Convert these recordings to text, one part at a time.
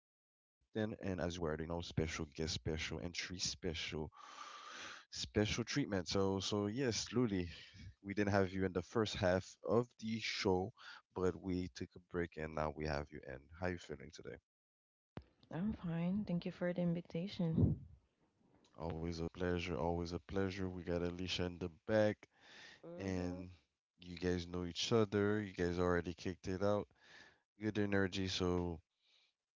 we already know, special guest, special entry, special treatment. So yes, Luli, we didn't have you in the first half of the show, but we took a break, and now we have you in. How you feeling today? I'm fine. Thank you for the invitation. Always a pleasure. Always a pleasure. We got Alicia in the back. Mhm. And you guys know each other. You guys already kicked it out. Good energy. So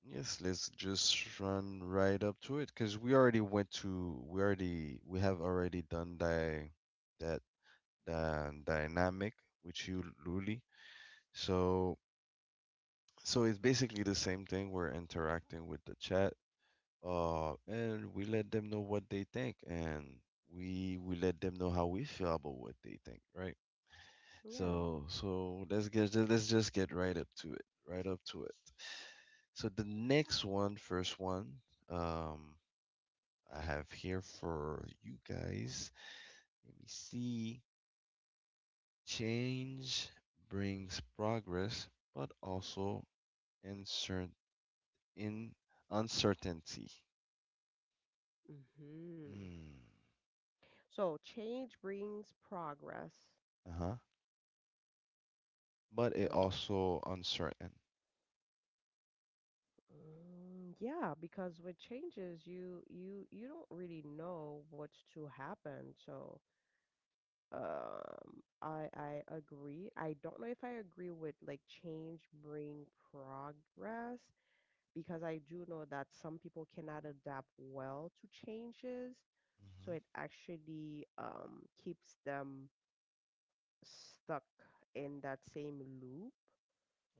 yes, let's just run right up to it because we already went to. We have already done that that dynamic with you, Luli. So so it's basically the same thing. We're interacting with the chat, and we let them know what they think, and we let them know how we feel about what they think, right? Yeah. So let's just get right up to it, right up to it. So the next one, first one, um, I have here for you guys. Let me see. Change brings progress, but also uncertain in uncertainty. Mhm. Hmm. So change brings progress, Uh-huh. But it but uh, also uncertain. mm, yeah, because with changes, you don't really know what's to happen. So I agree. I don't know if I agree with like change bring progress because I do know that some people cannot adapt well to changes, so Mm-hmm. it actually keeps them stuck in that same loop.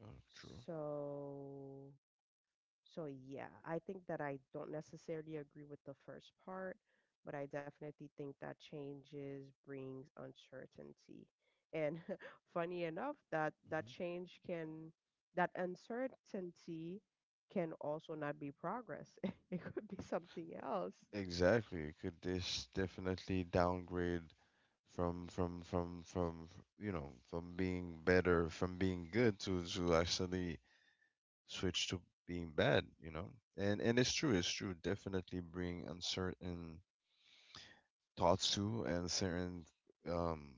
Oh, true. So, so yeah, I think that I don't necessarily agree with the first part, but I definitely think that changes brings uncertainty. And funny enough, that Mm-hmm. change can, that uncertainty can also not be progress. It could be something else. Exactly. It could this definitely downgrade you know, from being better, from being good to actually switch to being bad, you know. And it's true, definitely bring uncertain thoughts to and certain, um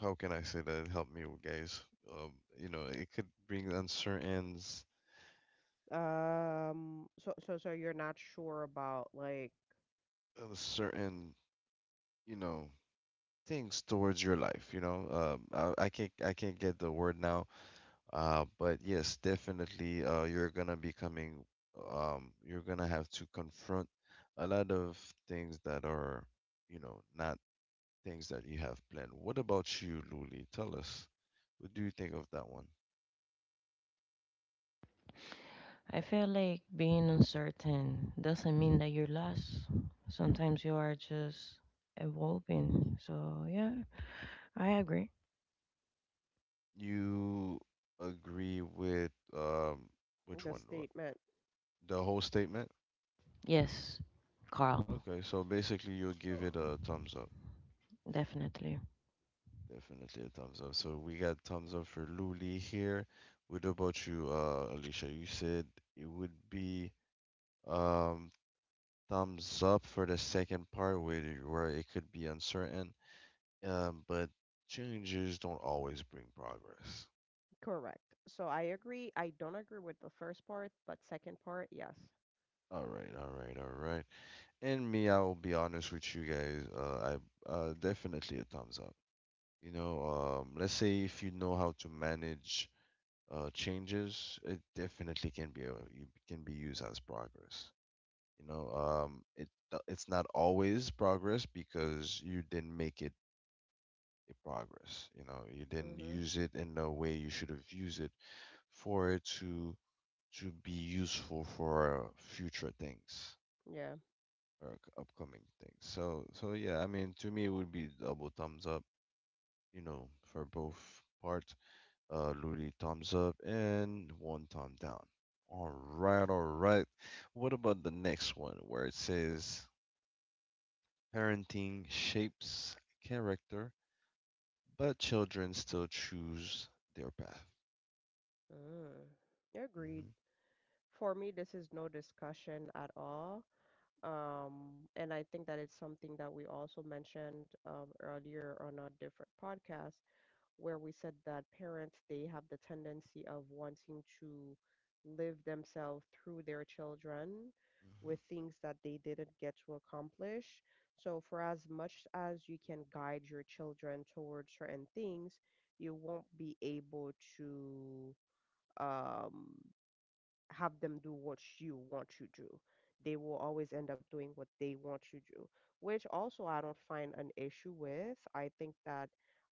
how can I say that? Help me guys. um you know, it could bring uncertain, So you're not sure about like certain, you know, things towards your life, you know. I can't, I can't get the word now. But yes, definitely, you're gonna be coming, you're gonna have to confront a lot of things that are, you know, not things that you have planned. What about you, Luli? Tell us, what do you think of that one? I feel like being uncertain doesn't mean that you're lost. Sometimes you are just evolving. So, yeah, I agree. You agree with, which the one? Statement. The whole statement? Yes, Carl, Okay, so basically, you'll give it a thumbs up. definitely. Definitely a thumbs up. So we got thumbs up for Luli here. What about you, Alicia? You said it would be, um thumbs up for the second part where where it could be uncertain, but changes don't always bring progress. Correct. So I agree. I don't agree with the first part, but second part, yes. All right, all right, all right. And me, I will be honest with you guys. I definitely a thumbs up. You know, let's say if you know how to manage changes, it definitely can be you can be used as progress. You know, it's not always progress because you didn't make it a progress. You know, you didn't Mhm. use it in the way you should have used it for it to be useful for future things Yeah. or upcoming things. So so yeah, I mean, to me, it would be double thumbs up. You know, for both parts. Louis, thumbs up, and one thumb down. All right, all right. What about the next one where it says parenting shapes character, but children still choose their path? Mm. Agreed. Hmm. For me, this is no discussion at all. And I think that it's something that we also mentioned earlier on a different podcast where we said that parents they have the tendency of wanting to live themselves through their children with things that they didn't get to accomplish. So for as much as you can guide your children towards certain things, you won't be able to um have them do what you want you do. They will always end up doing what they want you do, which also I don't find an issue with. I think that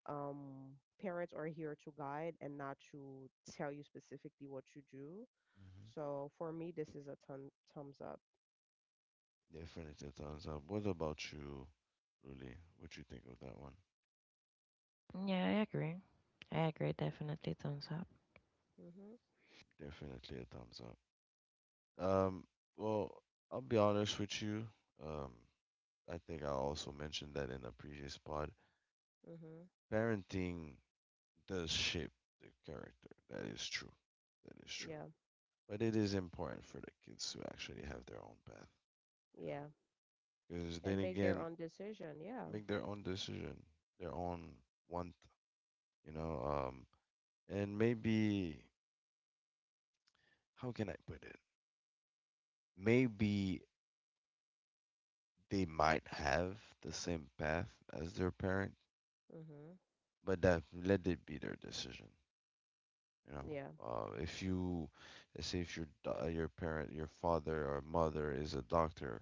um, parents are here to guide and not to tell you specifically what you do. Hmm. So for me, this is a thumbs up. Hmm. Definitely a thumbs up. What about you, Luli? What you think of that one? Yeah, I agree. I agree. Definitely thumbs up. Mhm. Definitely a thumbs up. Um, well, I'll be honest with you. Um, I think I also mentioned that in a previous pod. Mhm. Parenting does shape the character. That is true. That is true. Yeah, But it is important for the kids to actually have their own path, you know. Yeah. Because And then make their again, own decision. Yeah. make their own decision, their own want, you know. Um, and maybe how can I put it? Maybe they might have the same path as their parent, Mhm, but that let it be their decision, you know. yeah, If you let's say if your your parent, your father or mother is a doctor,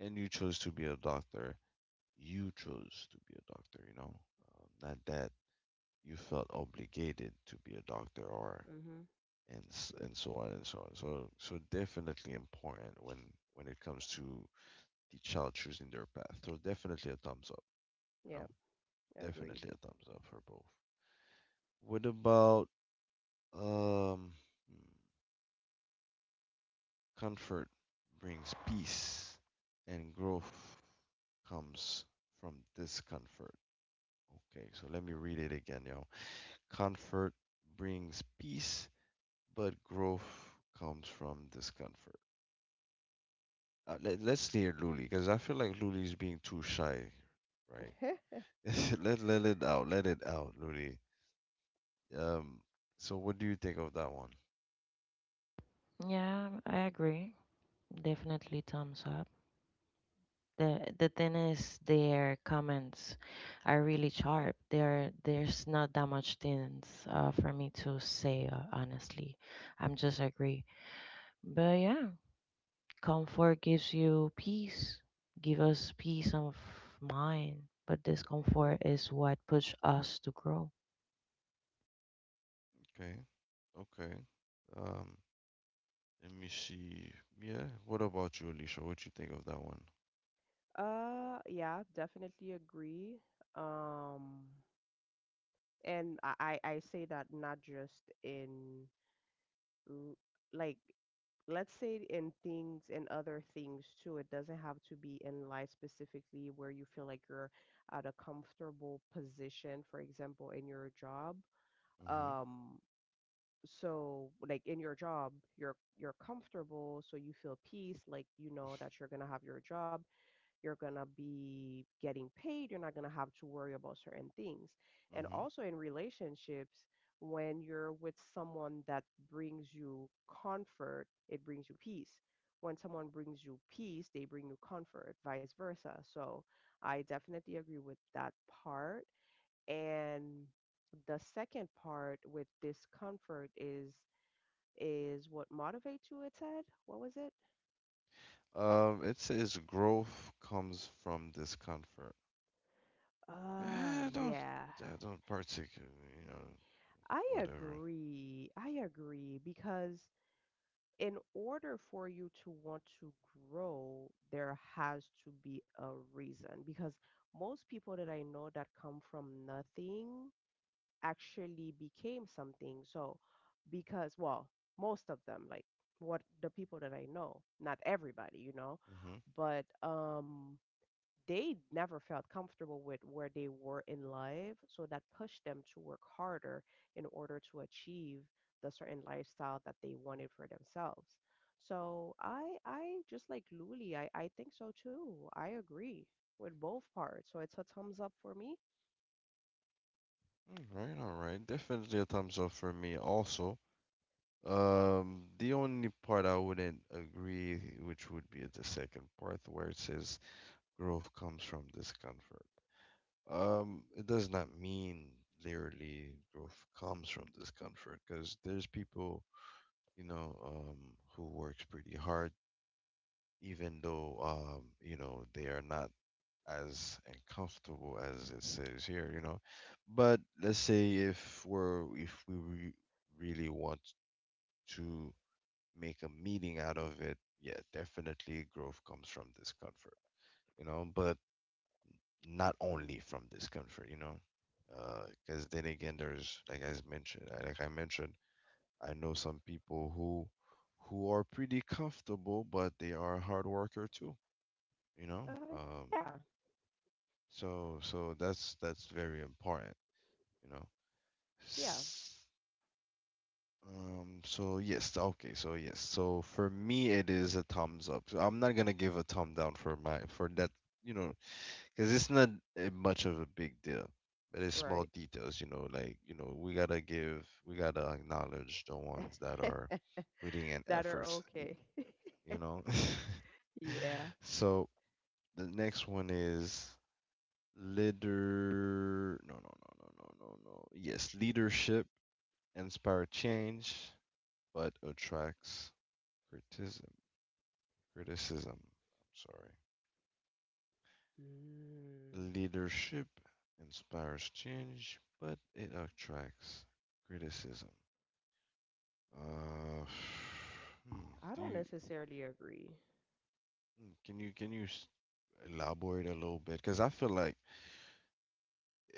and you chose to be a doctor. You chose to be a doctor, you know, not that you felt obligated to be a doctor or mhm, and so on and so on. So so definitely important when it comes to the child choosing their path. So definitely a thumbs up, you know, yeah, agreed. definitely a thumbs up for both. What about um hmm, comfort brings peace and growth comes from discomfort. Okay, so let me read it again, yo. Comfort brings peace, but growth comes from discomfort. Let, let's stay at Luli because I feel like Luli is being too shy, right? Let let it out, Luli. Um, so what do you think of that one? Yeah, I agree. Definitely thumbs up. The thing is, their comments are really sharp. There's not that much things for me to say. Honestly, I'm just agree. But yeah, comfort gives you peace. Give us peace of mind. But discomfort is what push us to grow. Okay, okay. Um, let me see. Yeah, what about you, Alicia? What you think of that one? Yeah, definitely agree. Um, and I say that not just in l- like let's say in things and other things too. It doesn't have to be in life specifically where you feel like you're at a comfortable position, for example, in your job. Mhm, Um, so like in your job, you're comfortable, so you feel peace, like you know that you're gonna have your job you're going to be getting paid. You're not going to have to worry about certain things. And mhm. also in relationships, when you're with someone that brings you comfort, it brings you peace. When someone brings you peace, they bring you comfort, vice versa. So I definitely agree with that part. And the second part with discomfort is what motivates you, it said. What was it? It says growth comes from discomfort. Ah, I don't, yeah. I don't particularly, you know. I Whatever. agree. I agree because in order for you to want to grow, there has to be a reason. Because most people that I know that come from nothing actually became something. So, because, well, most of them, like what the people that I know, not everybody, Mm-hmm. but they never felt comfortable with where they were in life. So that pushed them to work harder in order to achieve the certain lifestyle that they wanted for themselves. So I just like Luli, I think so too. I agree with both parts. So it's a thumbs up for me. All right, all right. Definitely a thumbs up for me also. The only part I wouldn't agree, which would be at the second part where it says growth comes from discomfort. It does not mean literally growth comes from discomfort because there's people, you know, who works pretty hard even though you know, they are not as uncomfortable as it says here, you know. But let's say if we're if we re- really want to make a meaning out of it, yeah, definitely growth comes from discomfort, you know. But not only from discomfort, you know, because then again, there's like as mentioned, like I mentioned, I know some people who are pretty comfortable, but they are a hard worker too, you know. Uh yeah, So so that's very important, you know. yeah, S- so yes, okay, so yes, so for me it is a thumbs up. So I'm not gonna give a thumb down for that, you know, because it's not much of a big deal, but it's small right. details, you know. Like, you know, we gotta give, we gotta acknowledge the ones that are putting in That are efforts. Okay. You know. Yeah. So the next one is leader, no, yes, leadership inspire change but attracts criticism. Criticism. I'm sorry. Mm, Leadership inspires change, but it attracts criticism. Uh, I don't do you, necessarily agree. Can you elaborate a little bit? Because I feel like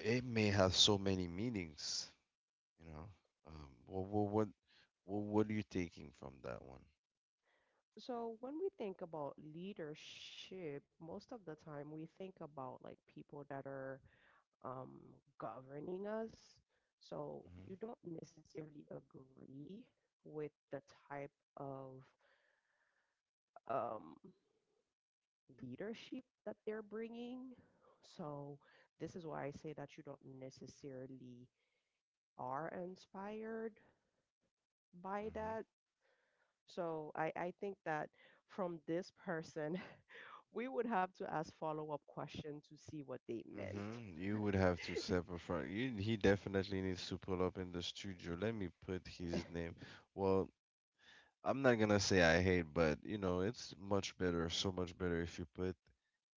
it may have so many meanings. You know, what what are you taking from that one? So when we think about leadership, most of the time we think about like people that are um, governing us. So Mm-hmm. you don't necessarily agree with the type of um, leadership that they're bringing. So this is why I say that you don't necessarily are inspired by Mm-hmm. that. So I think that from this person, we would have to ask follow up questions to see what they meant. Hmm. You would have to separate from you. He definitely needs to pull up in the studio. Let me put his name. Well, I'm not gonna say I hate, but you know, it's much better, so much better if you put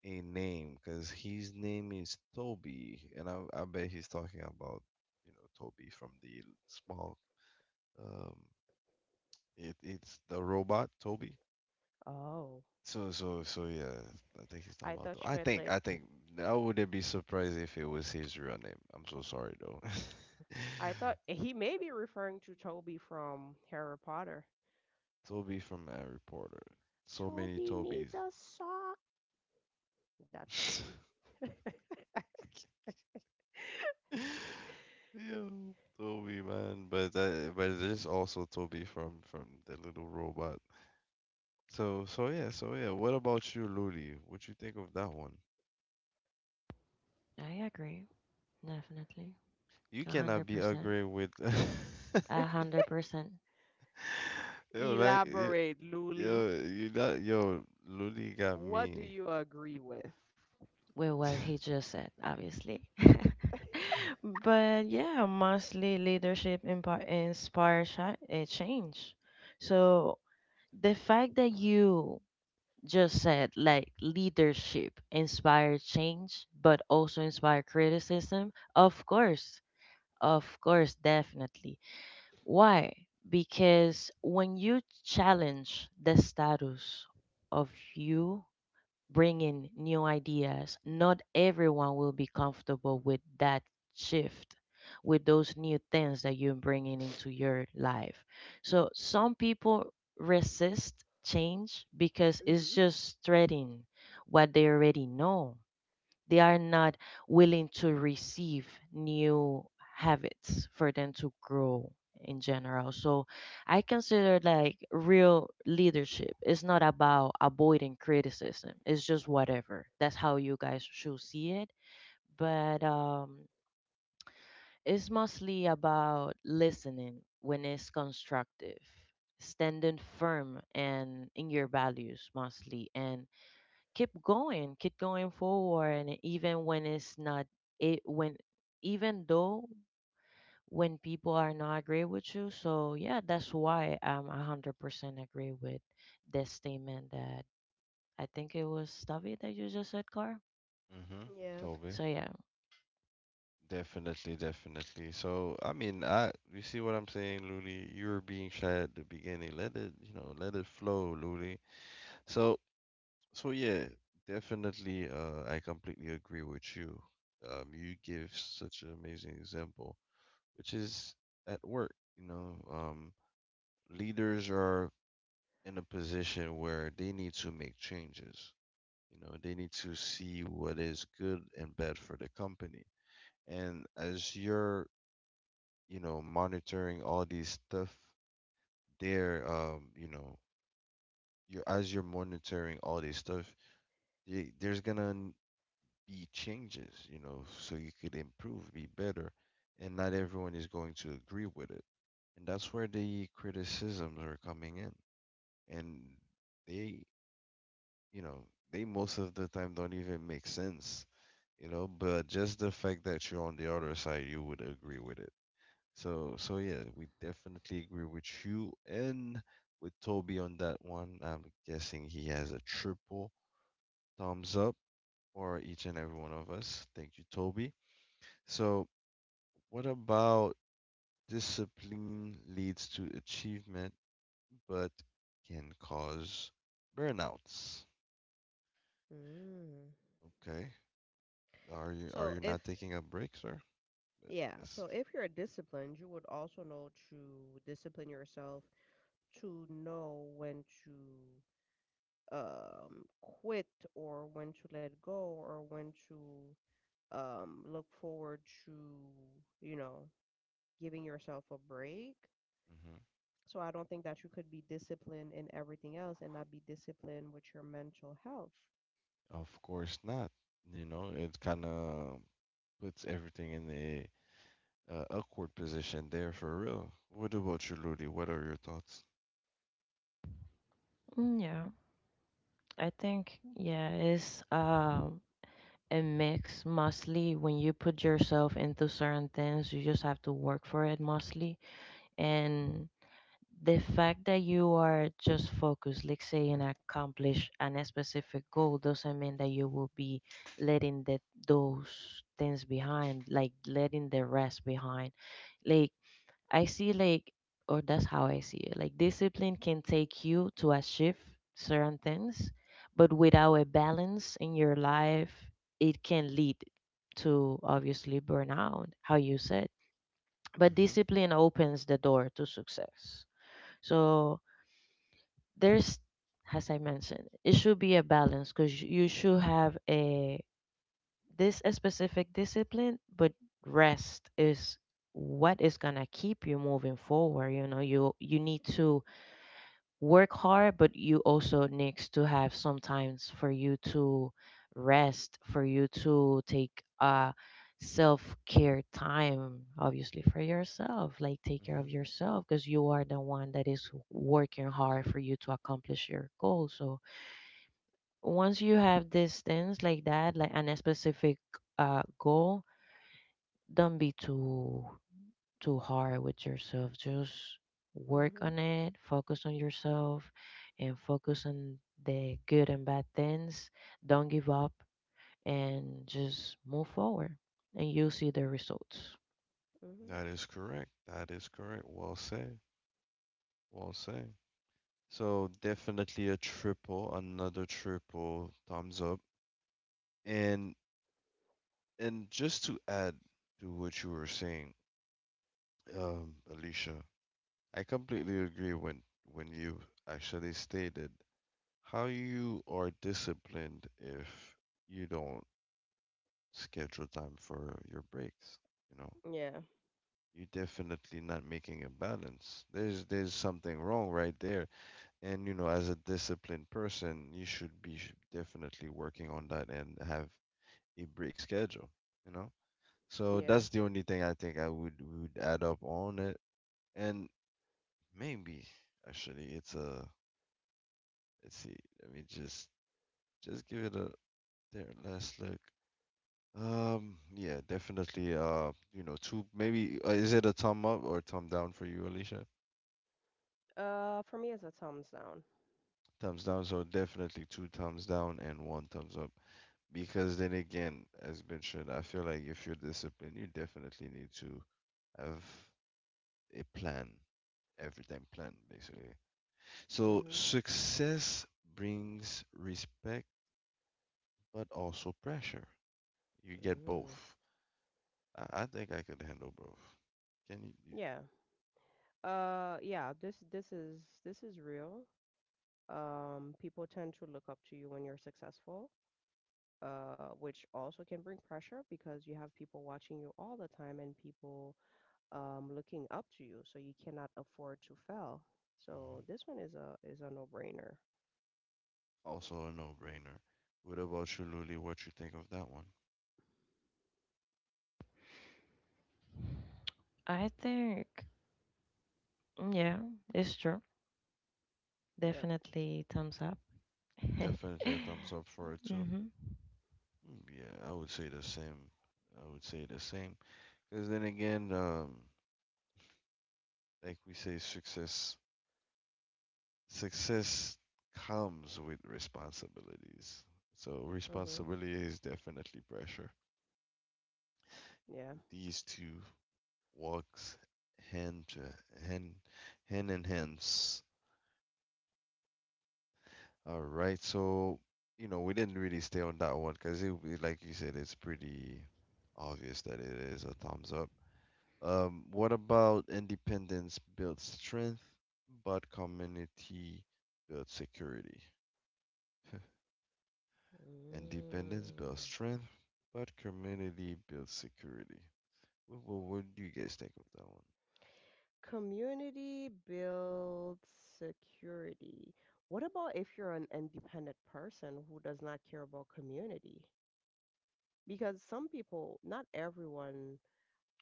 a name, because his name is Toby, and I bet he's talking about, you know, Toby from the small, um it it's the robot Toby. Oh, So so so yeah, I think he's I talking about thought the. you meant like I think I wouldn't be surprised if it was his real name. I'm so sorry though. I thought he may be referring to Toby from Harry Potter. Toby from Harry Potter. So many Toby needs Tobys. a sock. That Toby. Yeah, Toby man, but that, but there's also Toby from the little robot. So so yeah, so yeah. What about you, Luli? What you think of that one? I agree, definitely, You a hundred cannot be percent, angry with. a hundred percent. Yo, like yo, Elaborate, Luli. yo, you got yo, Luli got What do me. you agree with? With what he just said, obviously. But yeah, mostly leadership inspires change. So the fact that you just said like leadership inspires change, but also inspire criticism, of course, definitely. Why? Because when you challenge the status of you bringing new ideas. Not everyone will be comfortable with that shift, with those new things that you're bringing into your life. So some people resist change because Hmm. it's just threading what they already know, they are not willing to receive new habits for them to grow in general. So I consider like real leadership is not about avoiding criticism. It's just whatever. That's how you guys should see it. But it's mostly about listening when it's constructive, standing firm and in your values mostly and keep going forward, and even when it's not it when even though when people are not agree with you. So yeah, that's why I'm 100% agree with this statement that I think it was Tavi that you just said, Car. Hmm. Yeah. Toby. So yeah, Definitely, definitely. So, I mean, I you see what I'm saying, Luli? You were being shy at the beginning. Let it, you know, let it flow, Luli. So, so yeah, definitely, I completely agree with you. You give such an amazing example, which is at work, you know, leaders are in a position where they need to make changes. You know, they need to see what is good and bad for the company. And as you're, you know, monitoring all these stuff, there, you know, you're as you're monitoring all this stuff, y- there's gonna n- be changes, you know, so you could improve, be better, and not everyone is going to agree with it. And that's where the criticisms are coming in. And they, you know, they most of the time don't even make sense, you know, but just the fact that you're on the other side, you would agree with it. So, so yeah, we definitely agree with you and with Toby on that one. I'm guessing he has a triple thumbs up for each and every one of us. Thank you, Toby. So, what about discipline leads to achievement but can cause burnouts? Mm. Okay. Are you So if not taking a break, sir? yeah, That's, so if you're disciplined, you would also know to discipline yourself to know when to quit or when to let go or when to look forward to, you know, giving yourself a break. hmm, So I don't think that you could be disciplined in everything else and not be disciplined with your mental health. of course not. You know, it kind of puts everything in a, awkward position there for real. What about you, Ludi? What are your thoughts? Yeah, I think yeah, it's a mix mostly when you put yourself into certain things you just have to work for it mostly, and the fact that you are just focused, like say, and accomplish an a specific goal doesn't mean that you will be letting that those things behind, like letting the rest behind. Like I see, like or that's how I see it. Like discipline can take you to achieve certain things, but without a balance in your life, it can lead to obviously burnout, how you said. But Hmm. discipline opens the door to success. So there's, as I mentioned, it should be a balance because you should have a this a specific discipline but rest is what is gonna keep you moving forward, you know, you need to work hard, but you also needs to have sometimes for you to rest, for you to take self care time, obviously for yourself. Like take care Hmm. of yourself because you are the one that is working hard for you to accomplish your goal. So once you have these things like that, like and a specific goal, don't be too hard with yourself. Just work Mhm. on it, focus on yourself, and focus on the good and bad things. Don't give up and just move forward, and you'll see the results. Mhm. That is correct. That is correct. Well said. Well said. So definitely a triple, another triple thumbs up. And and just to add to what you were saying, Alicia, I completely agree when you actually stated how you are disciplined. If you don't schedule time for your breaks, you know Yeah. you're definitely not making a balance. There's something wrong right there. And you know, as a disciplined person, you should be definitely working on that and have a break schedule you know so Yeah. that's the only thing I think I would add up on it. And maybe, actually, it's a— let's see, let me just give it a— there, last look. Yeah, definitely. You know, two maybe, is it a thumb up or thumb down for you, Alicia? For me, it's a thumbs down. Thumbs down. So definitely two thumbs down and one thumbs up. Because then again, as mentioned, I feel like if you're disciplined, you definitely need to have a plan, everything planned, basically. So Mhm. success brings respect, but also pressure. You get Mm. both. I think I could handle both. Can you? Yeah. Yeah. This is real. People tend to look up to you when you're successful, which also can bring pressure because you have people watching you all the time and people, looking up to you, so you cannot afford to fail. Mm-hmm. So this one is a no-brainer. Also a no-brainer. What about you, Luli? What you think of that one? I think, yeah, it's true. Yep. Definitely thumbs up. Definitely a thumbs up for it too. hmm Mm, yeah, I would say the same. I would say the same. Because then again, like we say, success comes with responsibilities. So Mhm. responsibility is definitely pressure. Yeah. These two walks hand to hand, hand in hands. All right. So, you know, we didn't really stay on that one because like you said, it's pretty obvious that it is a thumbs up. What about independence builds strength, but community builds security? Independence Mm. builds strength, but community builds security. What do you guys think of that one? Community builds security. What about if you're an independent person who does not care about community? Because some people, not everyone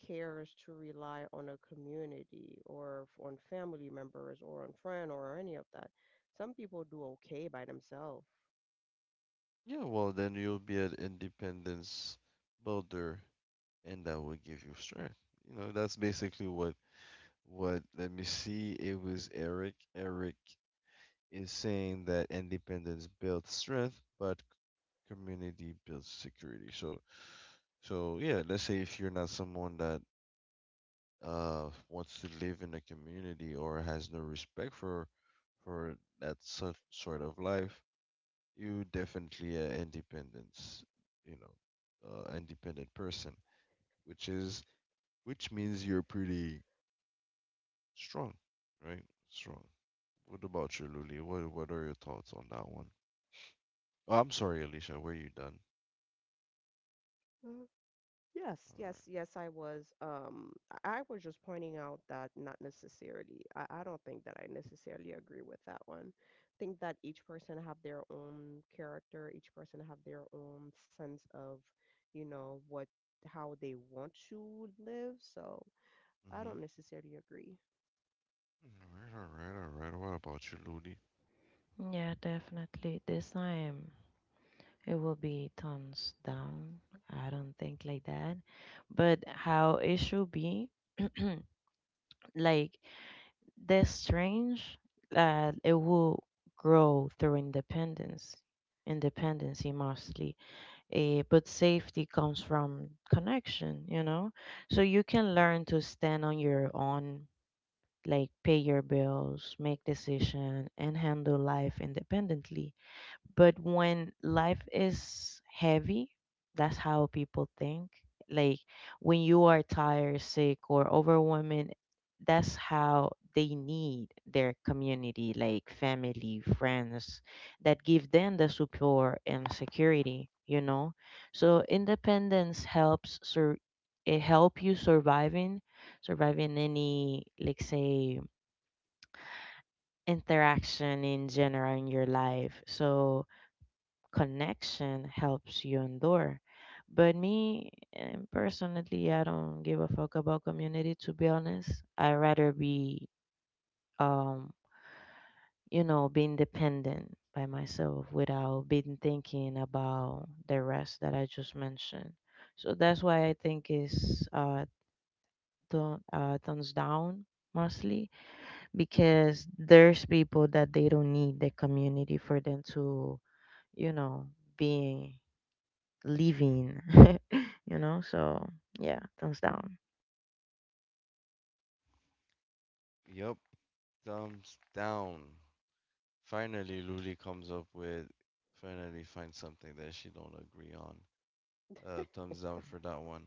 cares to rely on a community or on family members or on friend or any of that. Some people do okay by themselves. Yeah, well, then you'll be an independence builder, and that will give you strength. You know, that's basically what— what? Let me see. It was Eric. Eric is saying that independence builds strength, but community builds security. So, so yeah. Let's say if you're not someone that wants to live in a community or has no respect for that such sort of life, you definitely a independence. You know, independent person, which is which means you're pretty strong, right? Strong. What about you, Luli? What are your thoughts on that one? Oh, I'm sorry, Alicia. Were you done? Mhm. Yes, All yes, right. yes, I was. I was just pointing out that not necessarily. I don't think that I necessarily agree with that one. I think that each person have their own character, each person have their own sense of, you know, what how they want to live. So I don't necessarily agree. Mm-hmm. All right. All right. All right. What about you, Luli? Yeah, definitely. This time it will be thumbs down. I don't think like that. But how it should be, like they strange that it will grow through independency mostly. Eh, but safety comes from connection, you know? So you can learn to stand on your own, like pay your bills, make decision, and handle life independently, but when life is heavy, that's how people think, like when you are tired, sick or overwhelmed, that's how they need their community, like family, friends, that give them the support and security, you know. So independence helps it help you surviving any, like say, interaction in general in your life. So connection helps you endure. But me, eh, personally, I don't give a fuck about community. To be honest, I rather be, um, you know, being dependent by myself without being thinking about the rest that I just mentioned. So that's why I think is thumbs down mostly because there's people that they don't need the community for them to, you know, being living, you know? So, yeah, thumbs down. Yep, thumbs down. Finally, Luli comes up with— finally finds something that she don't agree on. Thumbs down for that one.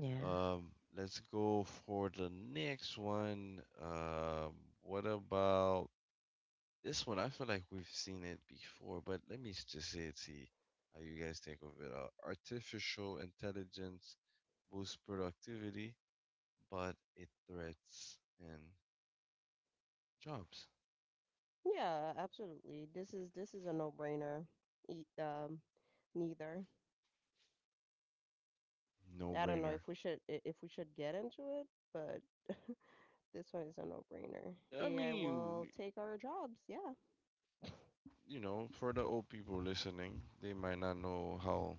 Yeah. Um, let's go for the next one. What about— this one, I feel like we've seen it before, but let me just say it, see how you guys think of it. Artificial intelligence boosts productivity, but it threats and jobs. Yeah, absolutely. This is a no-brainer. E- um, Neither. No I don't know if brainer. we should if we should get into it, but this one is a no-brainer. I AI will mean, take our jobs. Yeah. you know, for the old people listening, they might not know how,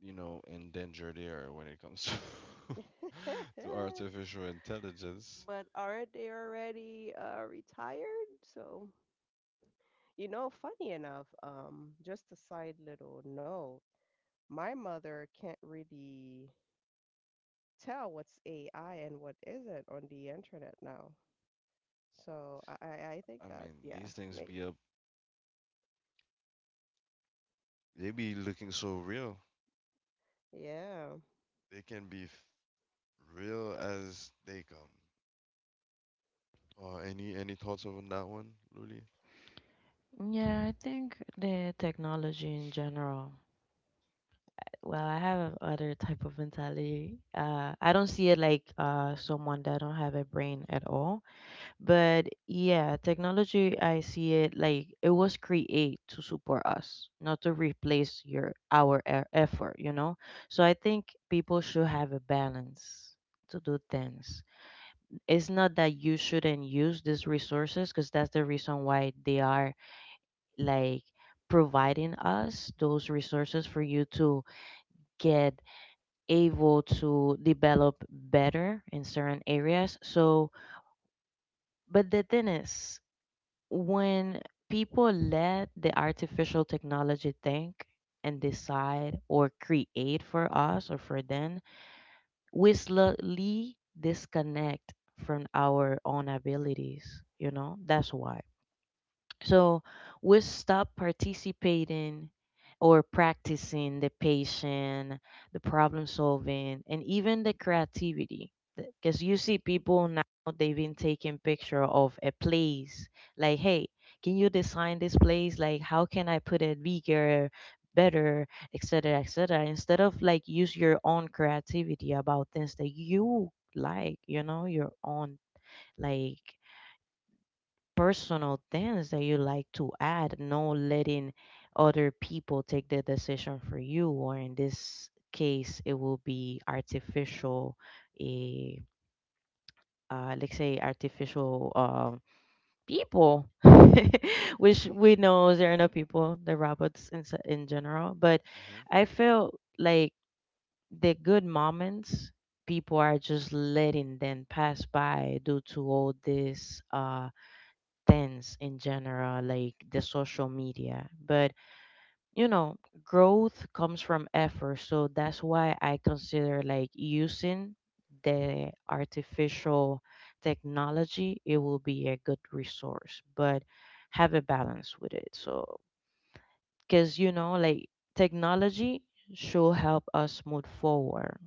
you know, in danger they are when it comes to to artificial intelligence. But aren't they already retired? So, you know, funny enough, just a side little note, my mother can't really tell what's AI and what isn't on the internet now. So I think I that mean, yeah, these things may be up, they be looking so real. yeah. They can be— real as they come. Any thoughts on that one, Luli? Yeah, I think the technology in general. Well, I have other type of mentality. I don't see it like someone that don't have a brain at all. But yeah, technology, I see it like it was created to support us, not to replace your effort, you know? So I think people should have a balance to do things. It's not that you shouldn't use these resources because that's the reason why they are like providing us those resources for you to get able to develop better in certain areas. So but the thing is, when people let the artificial technology think and decide or create for us or for them, we slowly disconnect from our own abilities, you know, that's why. So we stop participating or practicing the patience, the problem solving, and even the creativity. Because you see people now, they've been taking picture of a place. Like, hey, can you design this place? Like, how can I put it bigger, better, etc., etc. Instead of like use your own creativity about things that you like, you know, your own like personal things that you like to add, no letting other people take the decision for you, or in this case, it will be artificial, a let's say artificial people, which we know there are no people, the robots in, in general. But Mm-hmm. I feel like the good moments people are just letting them pass by due to all this. Things in general, like the social media. But, you know, growth comes from effort, so that's why I consider like using the artificial technology. It will be a good resource, but have a balance with it. So, because you know, like technology should help us move forward,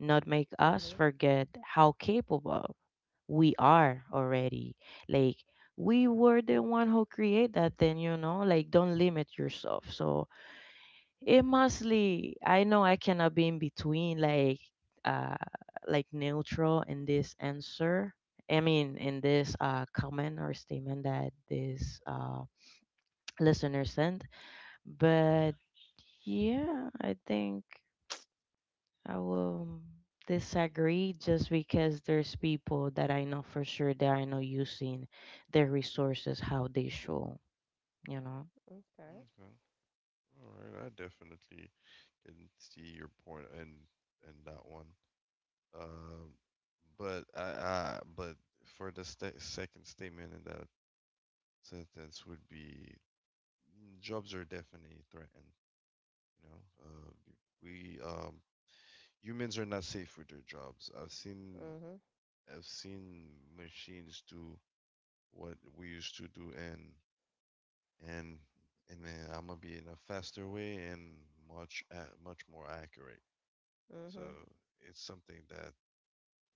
not make us Mhm. forget how capable we are already, like we were the one who create that thing, you know, like don't limit yourself. So it mostly, I know I cannot be in between, uh like neutral in this answer, I mean in this comment or statement that this listener sent. But yeah, I think I will disagree just because there's people that I know for sure they are not using their resources how they should, you know. Okay. Okay. All right. I definitely can see your point in that one. Um, but I but for the second statement in that sentence would be, mm, jobs are definitely threatened. You know, we humans are not safe with their jobs. I've seen— Mhm. I've seen machines do what we used to do, and and then I'm gonna be in a faster way and much much more accurate. So Mhm. it's something that—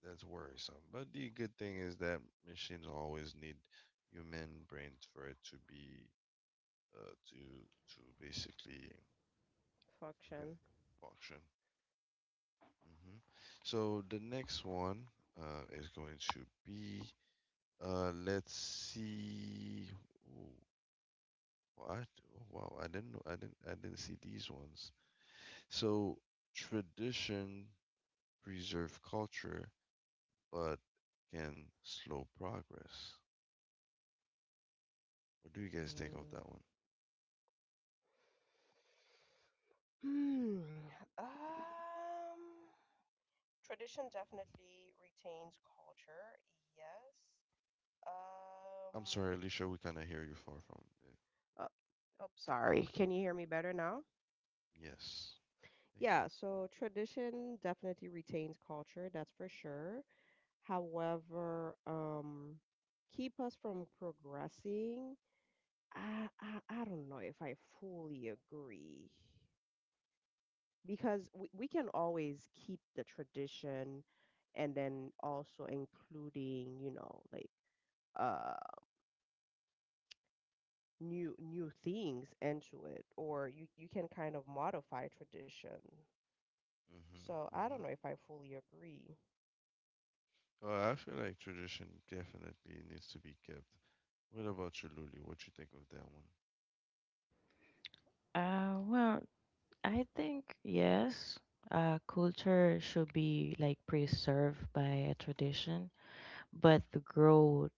that's worrisome. But the good thing is that machines always need human brains for it to be to basically— okay, Function. function. Hmm. So the next one is going to be let's see. Ooh, what? Oh, wow, I didn't know. I didn't see these ones. So tradition preserve culture, but can slow progress. What do you guys think of Mm. that one? Hmm. Um. Tradition definitely retains culture. Yes. I'm sorry, Um. Alicia, we cannot hear you, far from the— Oh, oh, sorry. Can you hear me better now? yes, thank you. Yeah. So tradition definitely retains culture. That's for sure. However, keep us from progressing, I don't know if I fully agree because we can always keep the tradition and then also including, you know, like uh new things into it or you can kind of modify tradition. So I don't Mm-hmm, know if I fully agree. mm-hmm. Well, I feel like tradition definitely needs to be kept. What about you, Lulu? What you think of that one? Well, I think yes, culture should be like preserved by a tradition, but the growth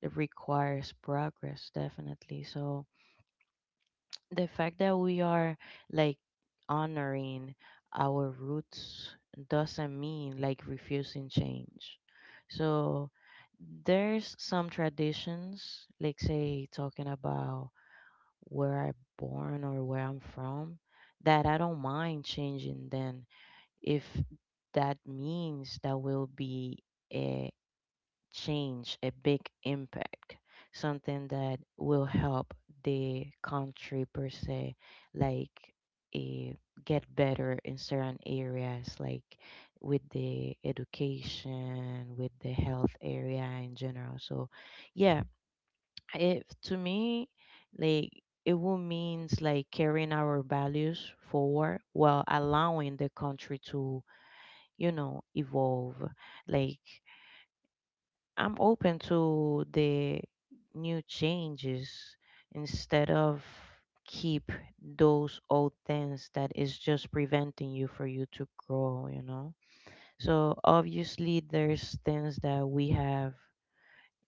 it requires progress definitely. So the fact that we are like honoring our roots doesn't mean like refusing change. So there's some traditions, like say talking about where I born or where I'm from, that I don't mind changing then if that means that will be change, a big impact, something that will help the country per se, like eh, get better in certain areas, like with the education, with the health area in general. So, yeah, if to me, like it will means like carrying our values forward while allowing the country to, you know, evolve. Like I'm open to the new changes instead of keep those old things that is just preventing you for you to grow, you know. So obviously there's things that we have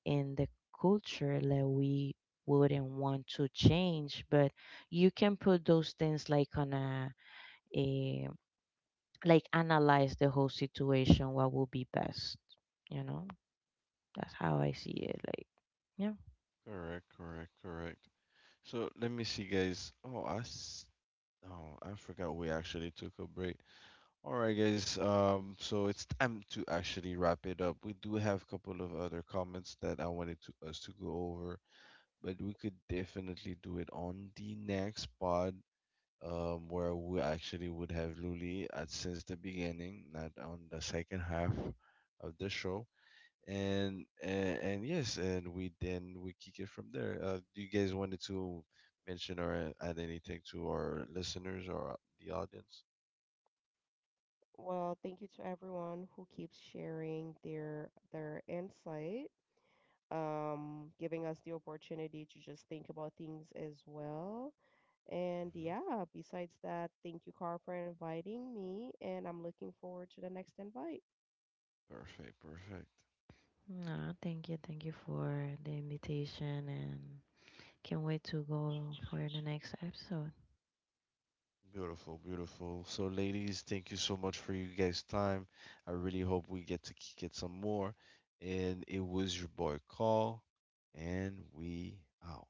in the culture that we wouldn't want to change, but you can put those things like on a, like analyze the whole situation, what will be best, you know. That's how I see it. Like yeah. Correct, correct, correct. So let me see, guys. Oh, I, oh, I forgot we actually took a break. All right, guys. So it's time to actually wrap it up. We do have a couple of other comments that I wanted to us to go over, but we could definitely do it on the next pod, where we actually would have Luli at since the beginning, not on the second half of the show. And yes, and we then we kick it from there. Do you guys wanted to mention or add anything to our listeners or the audience? Well, thank you to everyone who keeps sharing their insight, giving us the opportunity to just think about things as well. And Mhm. yeah, besides that, thank you, Carl, for inviting me. And I'm looking forward to the next invite. Perfect, perfect. No, thank you. Thank you for the invitation and can't wait to go for the next episode. Beautiful, beautiful. So, ladies, thank you so much for you guys' time. I really hope we get to get some more. And it was your boy Call, and we out.